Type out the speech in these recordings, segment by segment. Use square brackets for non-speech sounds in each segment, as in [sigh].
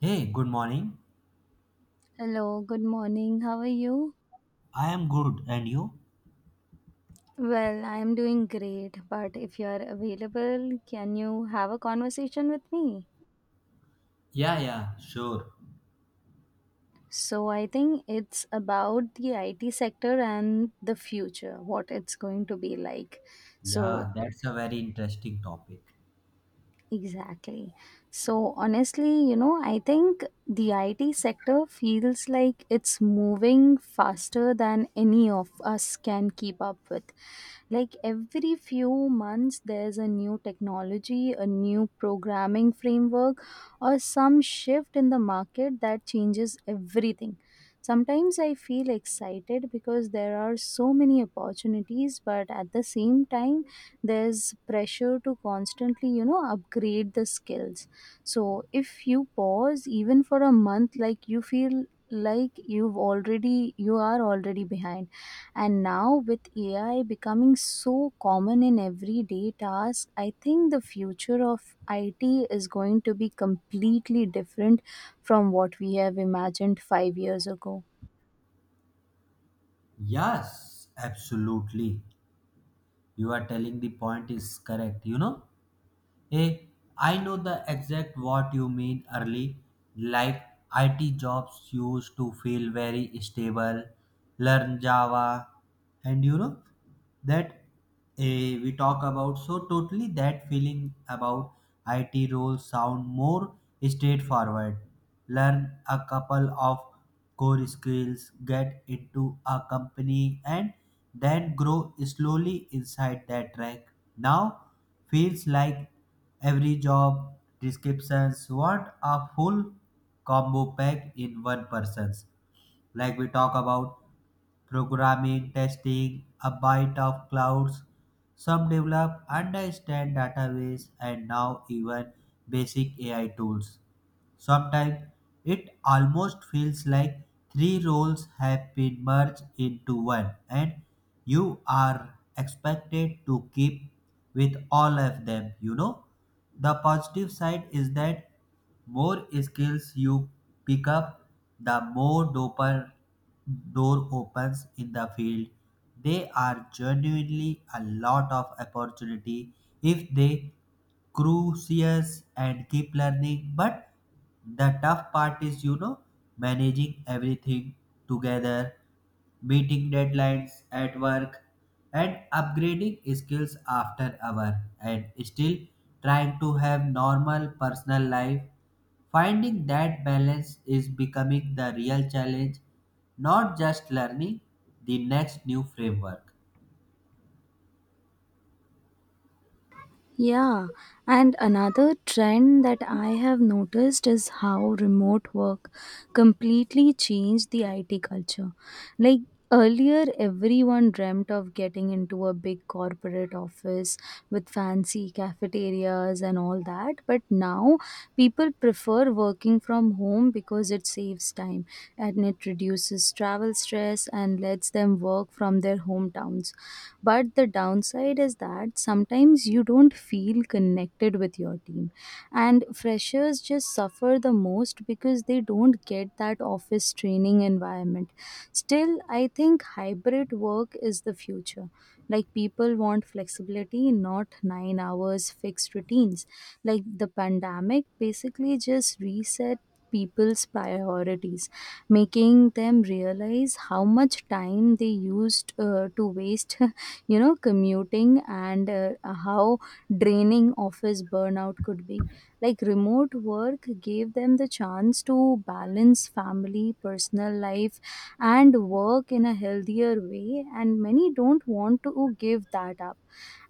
Hey, good morning. Hello, good morning. How are you? I am good, and you? Well, I am doing great, but if you are available, can you have a conversation with me? Yeah, yeah, sure. So, I think it's about the IT sector and the future, what it's going to be like. So, Yeah, that's a very interesting topic. exactly. So, honestly, I think the IT sector feels like it's moving faster than any of us can keep up with. Like every few months there's a new technology, a new programming framework, or some shift in the market that changes everything. Sometimes I feel excited because there are so many opportunities, but at the same time there's pressure to constantly, upgrade the skills. So if you pause even for a month, like you feel like you are already behind. And now with AI becoming so common in everyday tasks, I think the future of IT is going to be completely different from what we have imagined 5 years ago. Yes, absolutely. You are telling the point is correct, you know? Hey, I know the exact what you mean early. Like IT jobs used to feel very stable, learn Java, and you know that we talk about. So totally that feeling about IT roles sound more straightforward. Learn a couple of core skills, get into a company, and then grow slowly inside that track. Now feels like every job descriptions. What a full combo pack in one person's. Like we talk about programming, testing, a bite of clouds. Some develop, understand database, and now even basic AI tools. Sometimes it almost feels like three roles have been merged into one, and you are expected to keep with all of them, you know. The positive side is that more skills you pick up, the more doper door opens in the field. They are genuinely a lot of opportunity if they crucius and keep learning, but the tough part is, you know, managing everything together, meeting deadlines at work and upgrading skills after hour, and still trying to have normal personal life. Finding that balance is becoming the real challenge, not just learning the next new framework. Yeah, and another trend that I have noticed is how remote work completely changed the IT culture. Like earlier, everyone dreamt of getting into a big corporate office with fancy cafeterias and all that, but now people prefer working from home because it saves time and it reduces travel stress and lets them work from their hometowns. But the downside is that sometimes you don't feel connected with your team. And freshers just suffer the most because they don't get that office training environment. Still, I think hybrid work is the future. Like people want flexibility, not 9 hours fixed routines. Like the pandemic basically just reset people's priorities, making them realize how much time they used to waste [laughs] you know commuting, and how draining office burnout could be. Like remote work gave them the chance to balance family personal life and work in a healthier way, and many don't want to give that up.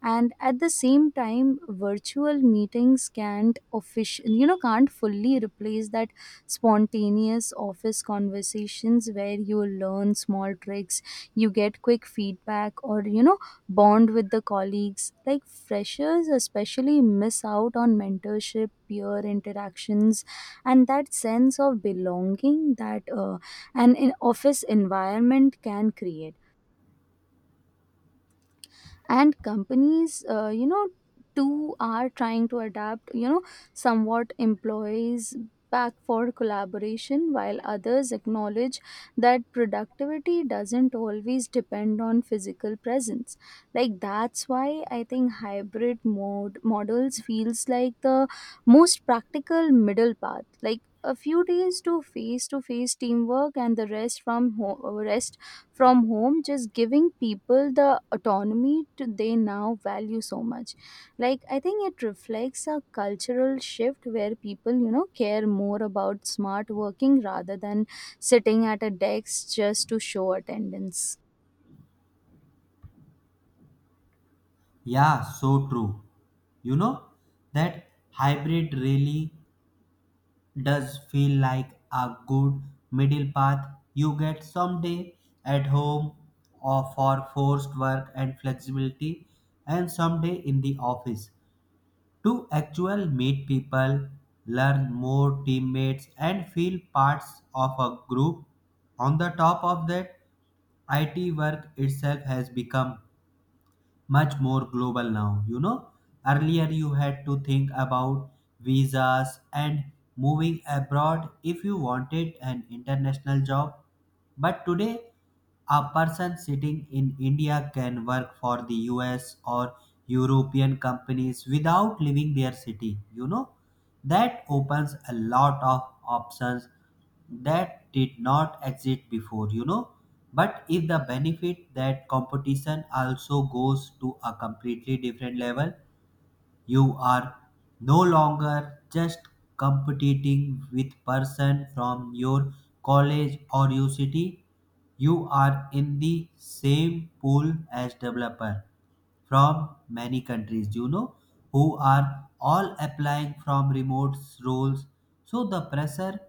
And at the same time, virtual meetings can't official you know can't fully replace that spontaneous office conversations where you learn small tricks, you get quick feedback, or, you know, bond with the colleagues. Like freshers, especially, miss out on mentorship, peer interactions, and that sense of belonging that an in- office environment can create. And companies you know too are trying to adapt, you know, somewhat employees back for collaboration, while others acknowledge that productivity doesn't always depend on physical presence. Like that's why I think hybrid mode models feels like the most practical middle path, like a few days to face teamwork and the rest from home, just giving people the autonomy to they now value so much. Like I think it reflects a cultural shift where people, care more about smart working rather than sitting at a desk just to show attendance. Yeah, so true. You know, that hybrid really does feel like a good middle path. You get someday at home or for forced work and flexibility, and someday in the office to actual meet people, learn more teammates, and feel parts of a group. On the top of that, IT work itself has become much more global now. You know, earlier you had to think about visas and moving abroad if you wanted an international job, but today, a person sitting in India can work for the US or European companies without leaving their city. You know, that opens a lot of options that did not exist before, you know. But if the benefit that competition also goes to a completely different level, you are no longer just competing with person from your college or your city. You are in the same pool as developer from many countries, you know, who are all applying from remote roles. So the pressure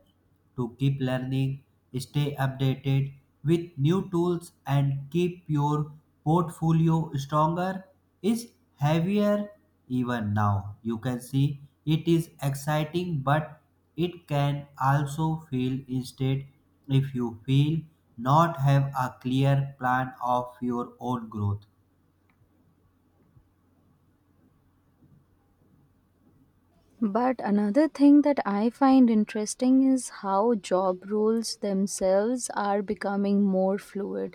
to keep learning, stay updated with new tools, and keep your portfolio stronger is heavier even now. You can see it is exciting, but it can also feel instead if you feel not have a clear plan of your own growth. But another thing that I find interesting is how job roles themselves are becoming more fluid.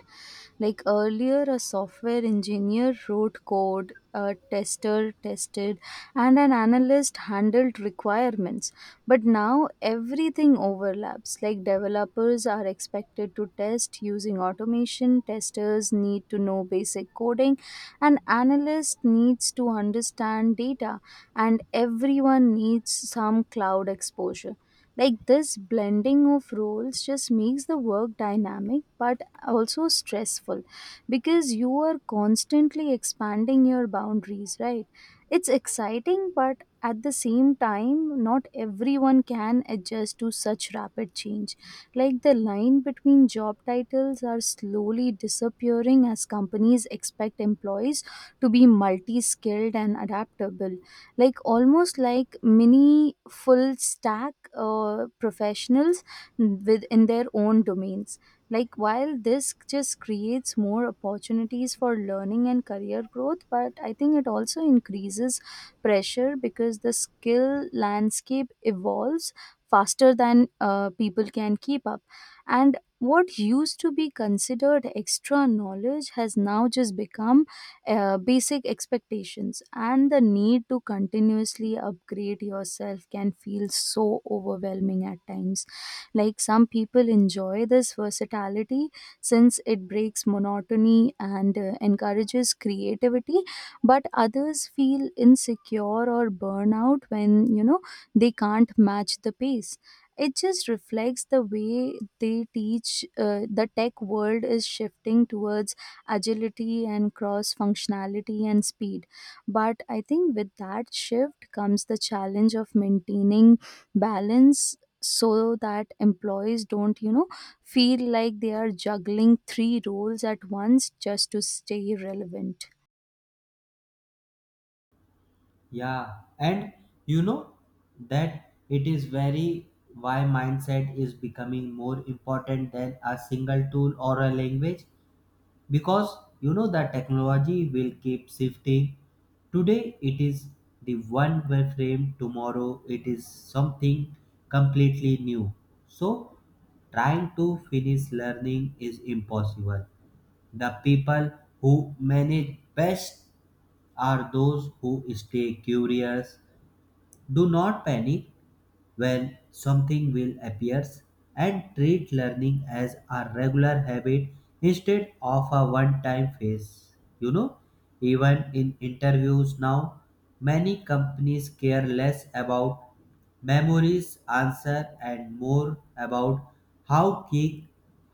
Like earlier, a software engineer wrote code, a tester tested, and an analyst handled requirements. But now everything overlaps. Like developers are expected to test using automation, testers need to know basic coding, and analyst needs to understand data, and everyone needs some cloud exposure. Like this blending of roles just makes the work dynamic but also stressful because you are constantly expanding your boundaries, right? It's exciting, but at the same time, not everyone can adjust to such rapid change. Like the line between job titles are slowly disappearing as companies expect employees to be multi skilled and adaptable, like almost like mini full stack professionals within their own domains. Like while this just creates more opportunities for learning and career growth, but I think it also increases pressure because the skill landscape evolves faster than people can keep up. And what used to be considered extra knowledge has now just become basic expectations, and the need to continuously upgrade yourself can feel so overwhelming at times. Like some people enjoy this versatility since it breaks monotony and encourages creativity, but others feel insecure or burnout when, they can't match the pace. It just reflects the way they teach the tech world is shifting towards agility and cross functionality and speed. But I think with that shift comes the challenge of maintaining balance so that employees don't, you know, feel like they are juggling three roles at once just to stay relevant. Yeah, and you know that it is very why mindset is becoming more important than a single tool or a language, because you know the technology will keep shifting. Today it is the one frame; tomorrow it is something completely new. So trying to finish learning is impossible. The people who manage best are those who stay curious, do not panic when something will appears, and treat learning as a regular habit instead of a one-time phase. You know, even in interviews now, many companies care less about memories, answer, and more about how kick,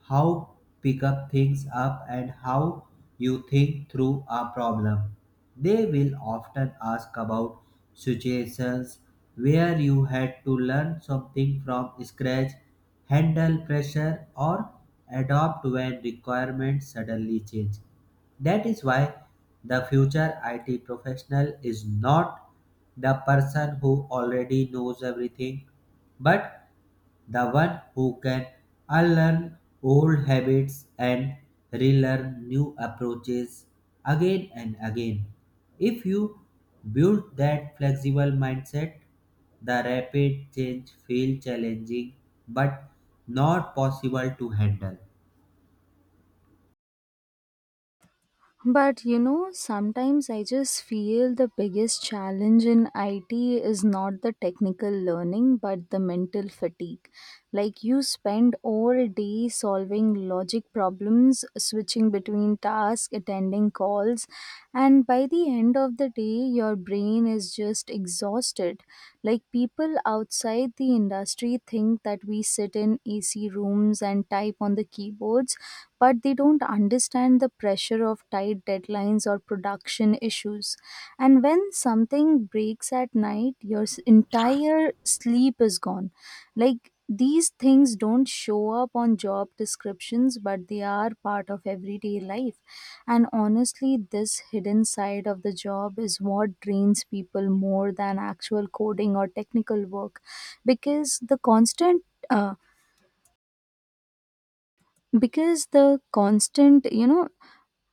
how pick up things up, and how you think through a problem. They will often ask about situations where you had to learn something from scratch, handle pressure, or adapt when requirements suddenly change. That is why the future IT professional is not the person who already knows everything, but the one who can unlearn old habits and relearn new approaches again and again. If you build that flexible mindset, the rapid change feels challenging but not possible to handle. But you know, sometimes I just feel the biggest challenge in IT is not the technical learning but the mental fatigue. Like, you spend all day solving logic problems, switching between tasks, attending calls, and by the end of the day your brain is just exhausted. Like people outside the industry think that we sit in ac rooms and type on the keyboards, but they don't understand the pressure of tight deadlines or production issues. And when something breaks at night, entire sleep is gone. Like these things don't show up on job descriptions, but they are part of everyday life. And honestly, this hidden side of the job is what drains people more than actual coding or technical work, because uh, the constant,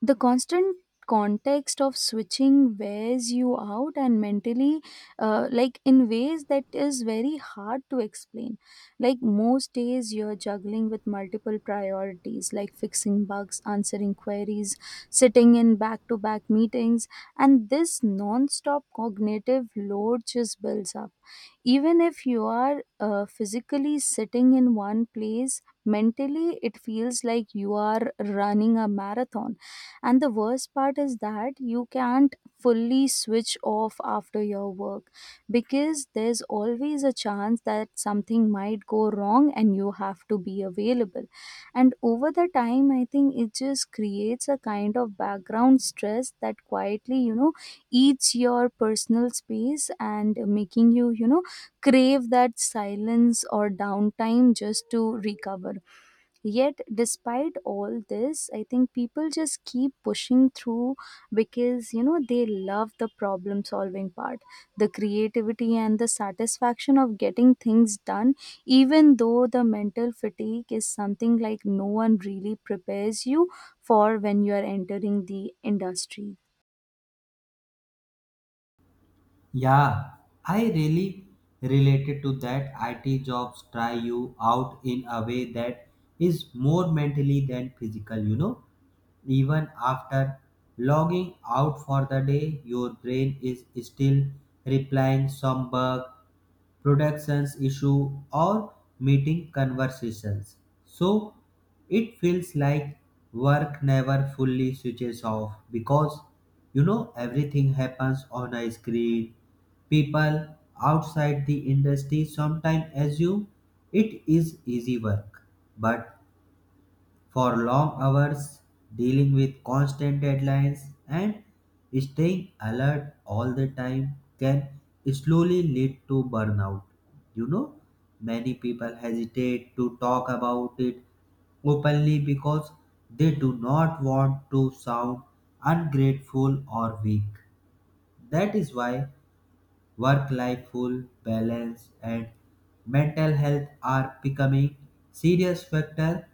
the constant context of switching wears you out, and mentally like in ways that is very hard to explain. Like most days you're juggling with multiple priorities, like fixing bugs, answering queries, sitting in back to back meetings, and this non stop cognitive load just builds up. Even if you are physically sitting in one place, mentally it feels like you are running a marathon. And the worst part is that you can't fully switch off after your work because there's always a chance that something might go wrong and you have to be available. And over the time I think it just creates a kind of background stress that quietly, eats your personal space and making you you know crave that silence or downtime just to recover. Yet, despite all this, I think people just keep pushing through because, you know, they love the problem solving part, the creativity, and the satisfaction of getting things done, even though the mental fatigue is something like no one really prepares you for when you are entering the industry. Yeah, I really related to that. IT jobs try you out in a way that is more mentally than physical, you know. Even after logging out for the day, your brain is still replying some bug, productions issue, or meeting conversations. So it feels like work never fully switches off, because you know everything happens on a screen. People outside the industry sometimes assume it is easy work, but for long hours, dealing with constant deadlines, and staying alert all the time can slowly lead to burnout. You know, many people hesitate to talk about it openly because they do not want to sound ungrateful or weak. That is why work-life full balance, and mental health are becoming serious factor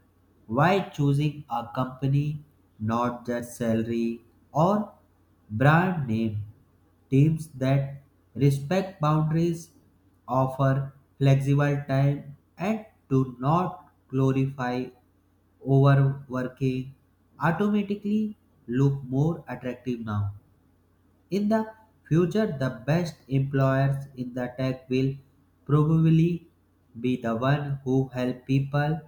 why choosing a company, not just salary or brand name. Teams that respect boundaries, offer flexible time, and do not glorify overworking automatically look more attractive now. In the future, the best employers in the tech will probably be the one who help people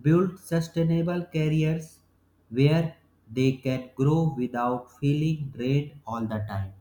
build sustainable careers where they can grow without feeling drained all the time.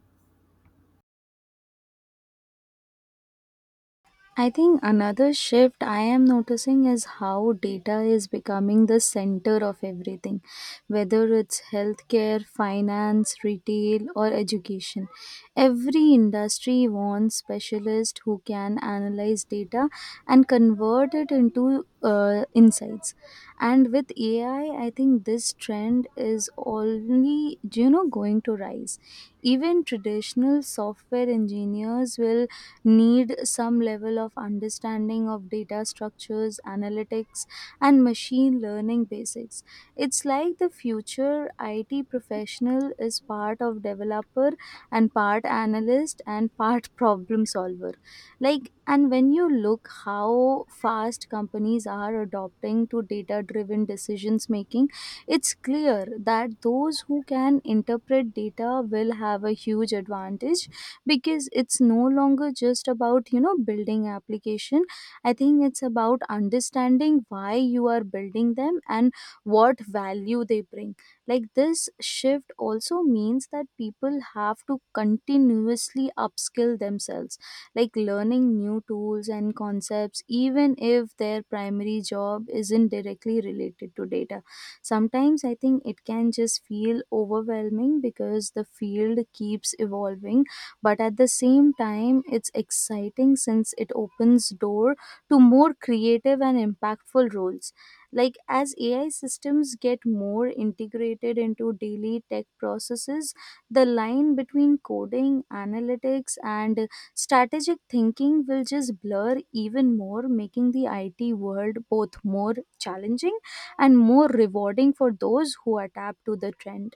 I think another shift I am noticing is how data is becoming the center of everything, whether it's healthcare, finance, retail, or education. Every industry wants specialists who can analyze data and convert it into insights. And with AI, I think this trend is only, going to rise. Even traditional software engineers will need some level of understanding of data structures, analytics, and machine learning basics. It's like the future IT professional is part of developer and part analyst and part [laughs] problem solver. Like, and when you look how fast companies are adopting to data driven decisions making, it's clear that those who can interpret data will have a huge advantage because it's no longer just about, building application. I think it's about understanding why you are building them and what value they bring. Like this shift also means that people have to continuously upskill themselves, like learning new tools and concepts even if their primary job isn't directly related to data. Sometimes I think it can just feel overwhelming because the field keeps evolving, but at the same time it's exciting since it opens door to more creative and impactful roles. Like as AI systems get more integrated into daily tech processes, the line between coding, analytics, and strategic thinking will just blur even more, making the IT world both more challenging and more rewarding for those who adapt to the trend.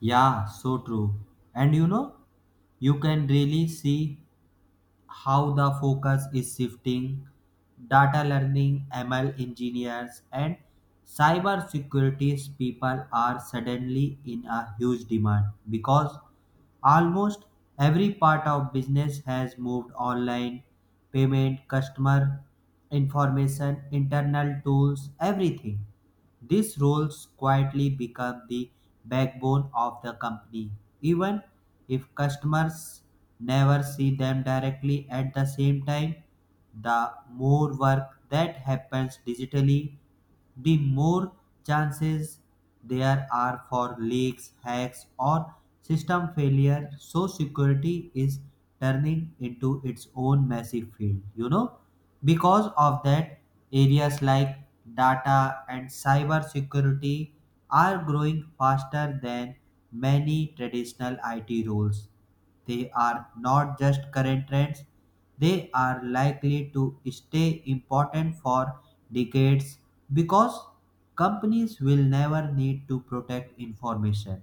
Yeah, so true. And you know, you can really see how the focus is shifting. Data learning, ML engineers, and cybersecurity people are suddenly in a huge demand, because almost every part of business has moved online: payment, customer information, internal tools, everything. These roles quietly become the backbone of the company, even if customers never see them directly at the same time. The more work that happens digitally, the more chances there are for leaks, hacks, or system failure. So, security is turning into its own massive field, you know. Because of that, areas like data and cyber security are growing faster than many traditional IT roles. They are not just current trends, they are likely to stay important for decades because companies will never need to protect information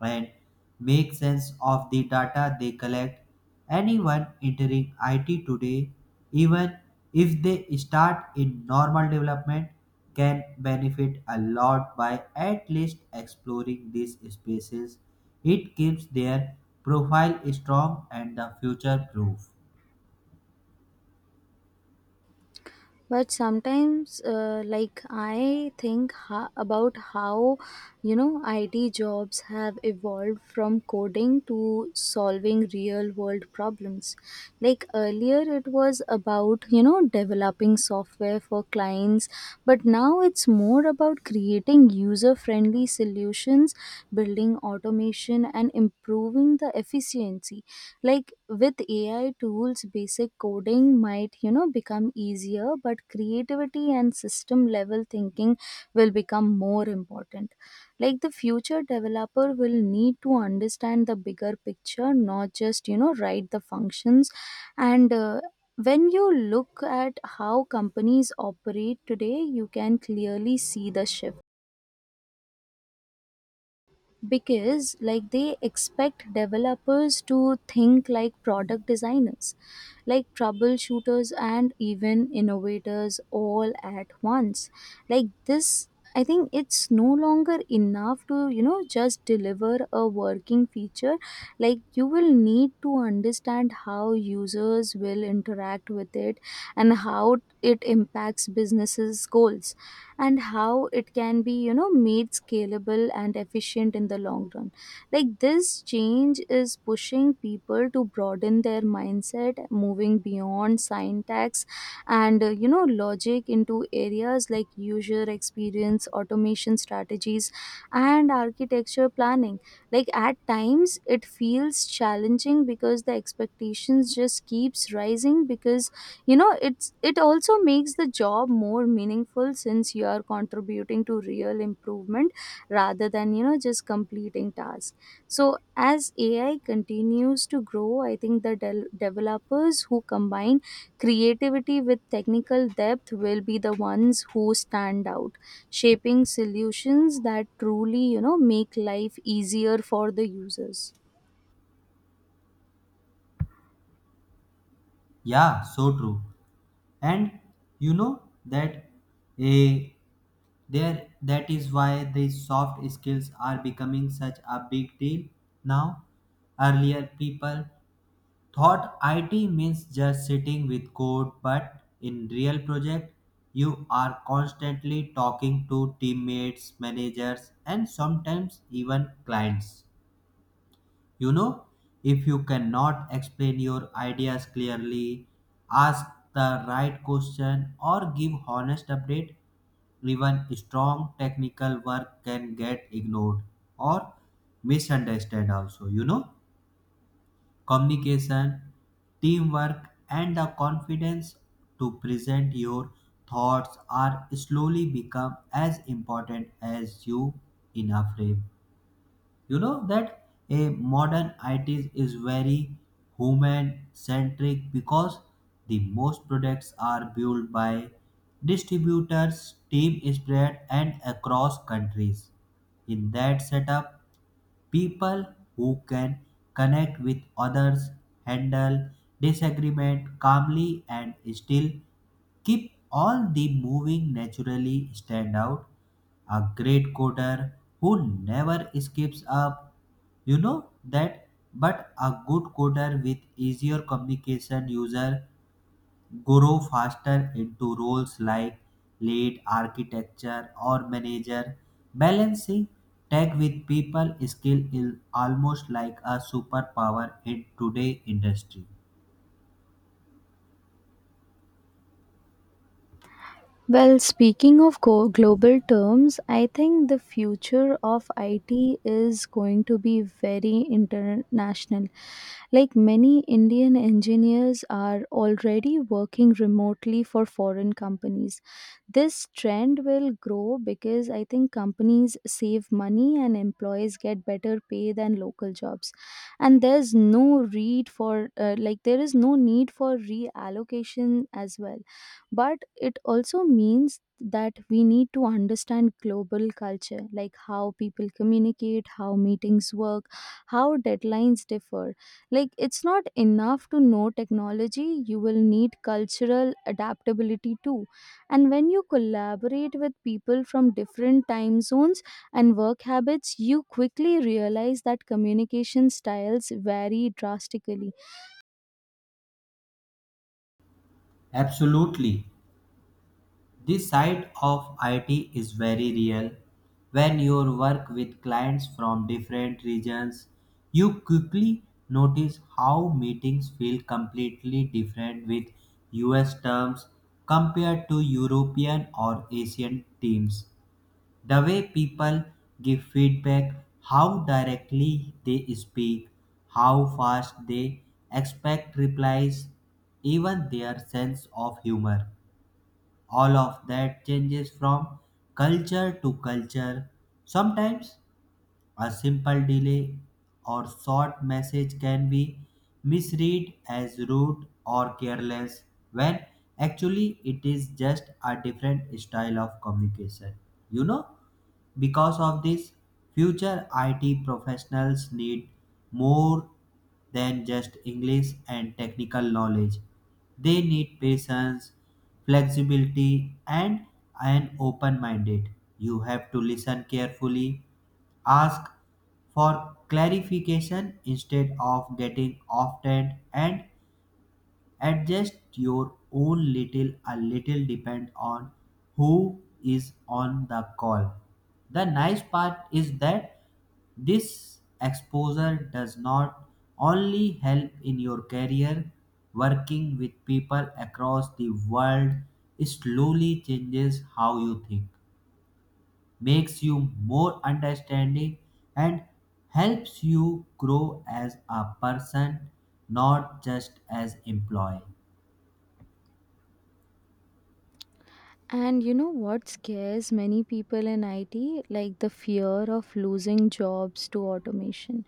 and make sense of the data they collect. Anyone entering IT today, even if they start in normal development, can benefit a lot by at least exploring these spaces. It keeps their profile strong and the future proof. But sometimes about how, you know, IT jobs have evolved from coding to solving real world problems. Like earlier it was about, developing software for clients, but now it's more about creating user friendly solutions, building automation, and improving the efficiency. Like with AI tools, basic coding might, become easier, but creativity and system level thinking will become more important. Like the future developer will need to understand the bigger picture, not just, write the functions. And when you look at how companies operate today, you can clearly see the shift because, like, they expect developers to think like product designers, like troubleshooters, and even innovators all at once. Like this, I think it's no longer enough to, you know, just deliver a working feature. Like you will need to understand how users will interact with it, and how it impacts businesses' goals, and how it can be, you know, made scalable and efficient in the long run. Like this change is pushing people to broaden their mindset, moving beyond syntax and you know logic into areas like user experience, automation strategies, and architecture planning. Like at times, it feels challenging because the expectations just keeps rising, because, it's it also makes the job more meaningful since you are contributing to real improvement rather than, just completing tasks. So as AI continues to grow, I think developers who combine creativity with technical depth will be the ones who stand out, shaping solutions that truly, make life easier for the users. Yeah, so true. And you know that a there that is why the soft skills are becoming such a big deal now. Earlier people thought IT means just sitting with code, but in real project you are constantly talking to teammates, managers, and sometimes even clients. You know, if you cannot explain your ideas clearly, ask the right question, or give honest update, even strong technical work can get ignored or misunderstood. Also, you know, communication, teamwork, and the confidence to present your thoughts are slowly become as important as you in a frame. You know that a modern it is very human centric, because the most products are built by distributors team spread and across countries. In that setup, people who can connect with others, handle disagreement calmly, and still keep all the moving naturally stand out. A great coder who never skips up, you know that, but a good coder with easier communication user grow faster into roles like lead architecture or manager. Balancing tech with people skill is almost like a superpower in today industry. Well, speaking of global terms, I think the future of IT is going to be very international. Like many Indian engineers are already working remotely for foreign companies. This trend will grow because I think companies save money and employees get better pay than local jobs. And there's no need for like there is no need for reallocation as well. But it also means that we need to understand global culture, like how people communicate, how meetings work, how deadlines differ. Like it's not enough to know technology, you will need cultural adaptability too. And when you collaborate with people from different time zones and work habits, you quickly realize that communication styles vary drastically. Absolutely. This side of it is very real. When you work with clients from different regions, you quickly notice how meetings feel completely different with US terms compared to European or Asian teams. The way people give feedback, how directly they speak, how fast they expect replies, even their sense of humor, all of that changes from culture to culture. Sometimes a simple delay or short message can be misread as rude or careless, when actually it is just a different style of communication, you know? Because of this, future IT professionals need more than just English and technical knowledge. They need patience, flexibility, and an open minded. You have to listen carefully, ask for clarification instead of getting offended, and adjust your own little a little depend on who is on the call. The nice part is that this exposure does not only help in your career, working with people across the world slowly changes how you think, makes you more understanding, and helps you grow as a person, not just as employee. And you know what scares many people in IT? Like the fear of losing jobs to automation.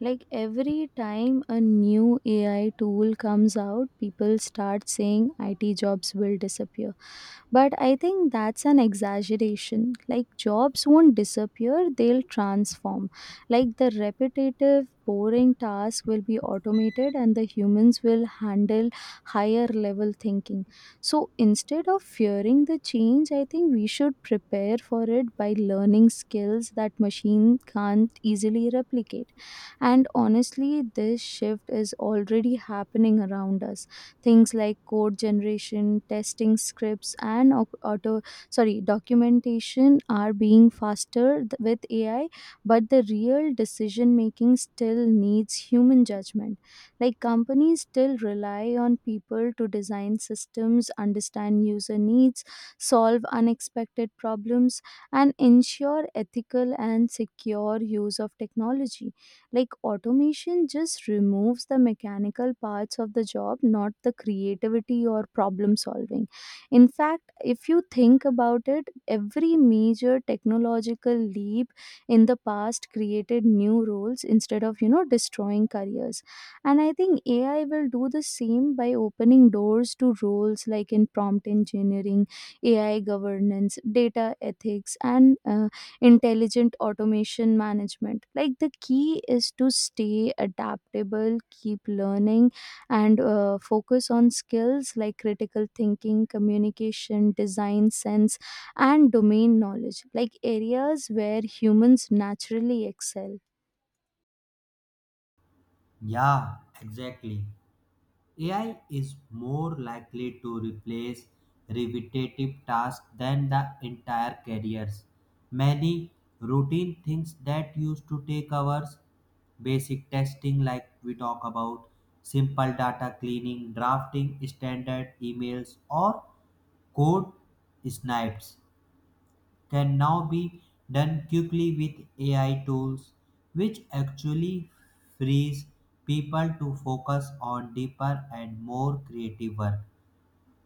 Like every time a new AI tool comes out, people start saying IT jobs will disappear. But I think that's an exaggeration. Like jobs won't disappear, they'll transform. Like the repetitive, boring task will be automated and the humans will handle higher level thinking. So instead of fearing the change, I think we should prepare for it by learning skills that machine can't easily replicate. And honestly, this shift is already happening around us. Things like code generation, testing scripts, and au- auto sorry documentation are being faster with AI, but the real decision making still needs human judgment. Like companies still rely on people to design systems, understand user needs, solve unexpected problems, and ensure ethical and secure use of technology. Like automation just removes the mechanical parts of the job, not the creativity or problem solving. In fact, if you think about it, every major technological leap in the past created new roles instead of, you know, destroying careers. And I think AI will do the same by opening doors to roles like in prompt engineering, AI governance, data ethics, and intelligent automation management. Like the key is to stay adaptable, keep learning, and focus on skills like critical thinking, communication, design sense, and domain knowledge, like areas where humans naturally excel. Yeah, exactly. AI is more likely to replace repetitive tasks than the entire careers. Many routine things that used to take hours, basic testing like we talk about, simple data cleaning, drafting standard emails, or code snipes, can now be done quickly with AI tools, which actually frees people to focus on deeper and more creative work.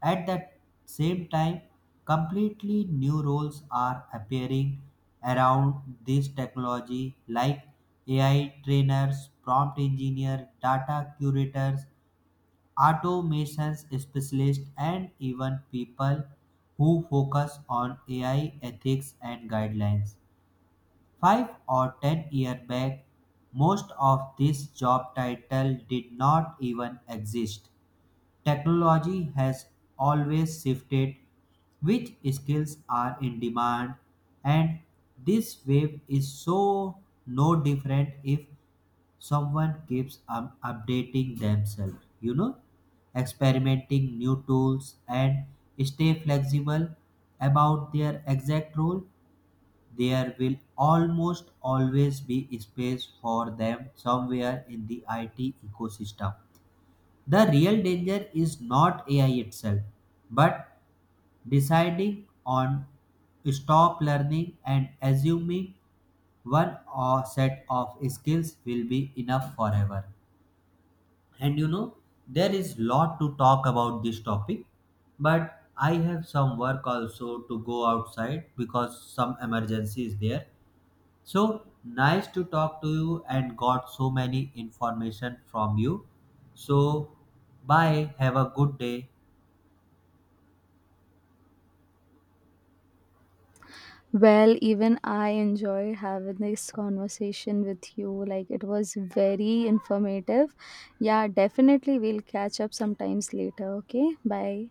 At the same time, completely new roles are appearing around this technology, like AI trainers, prompt engineer, data curators, automations specialists, and even people who focus on AI ethics and guidelines. 5 or 10 years back, most of this job title did not even exist. Technology has always shifted which skills are in demand, and this wave is so no different. If someone keeps updating themselves, you know, experimenting new tools and stay flexible about their exact role, there will almost always be space for them somewhere in the IT ecosystem. The real danger is not AI itself, but deciding on stop learning and assuming one or set of skills will be enough forever. And you know, there is lot to talk about this topic, but I have some work also to go outside because some emergency is there. So, nice to talk to you and got so many information from you. So, bye, have a good day. Well, even I enjoyed having this conversation with you. Like, it was very informative. Yeah, definitely we'll catch up sometimes later. Okay, bye.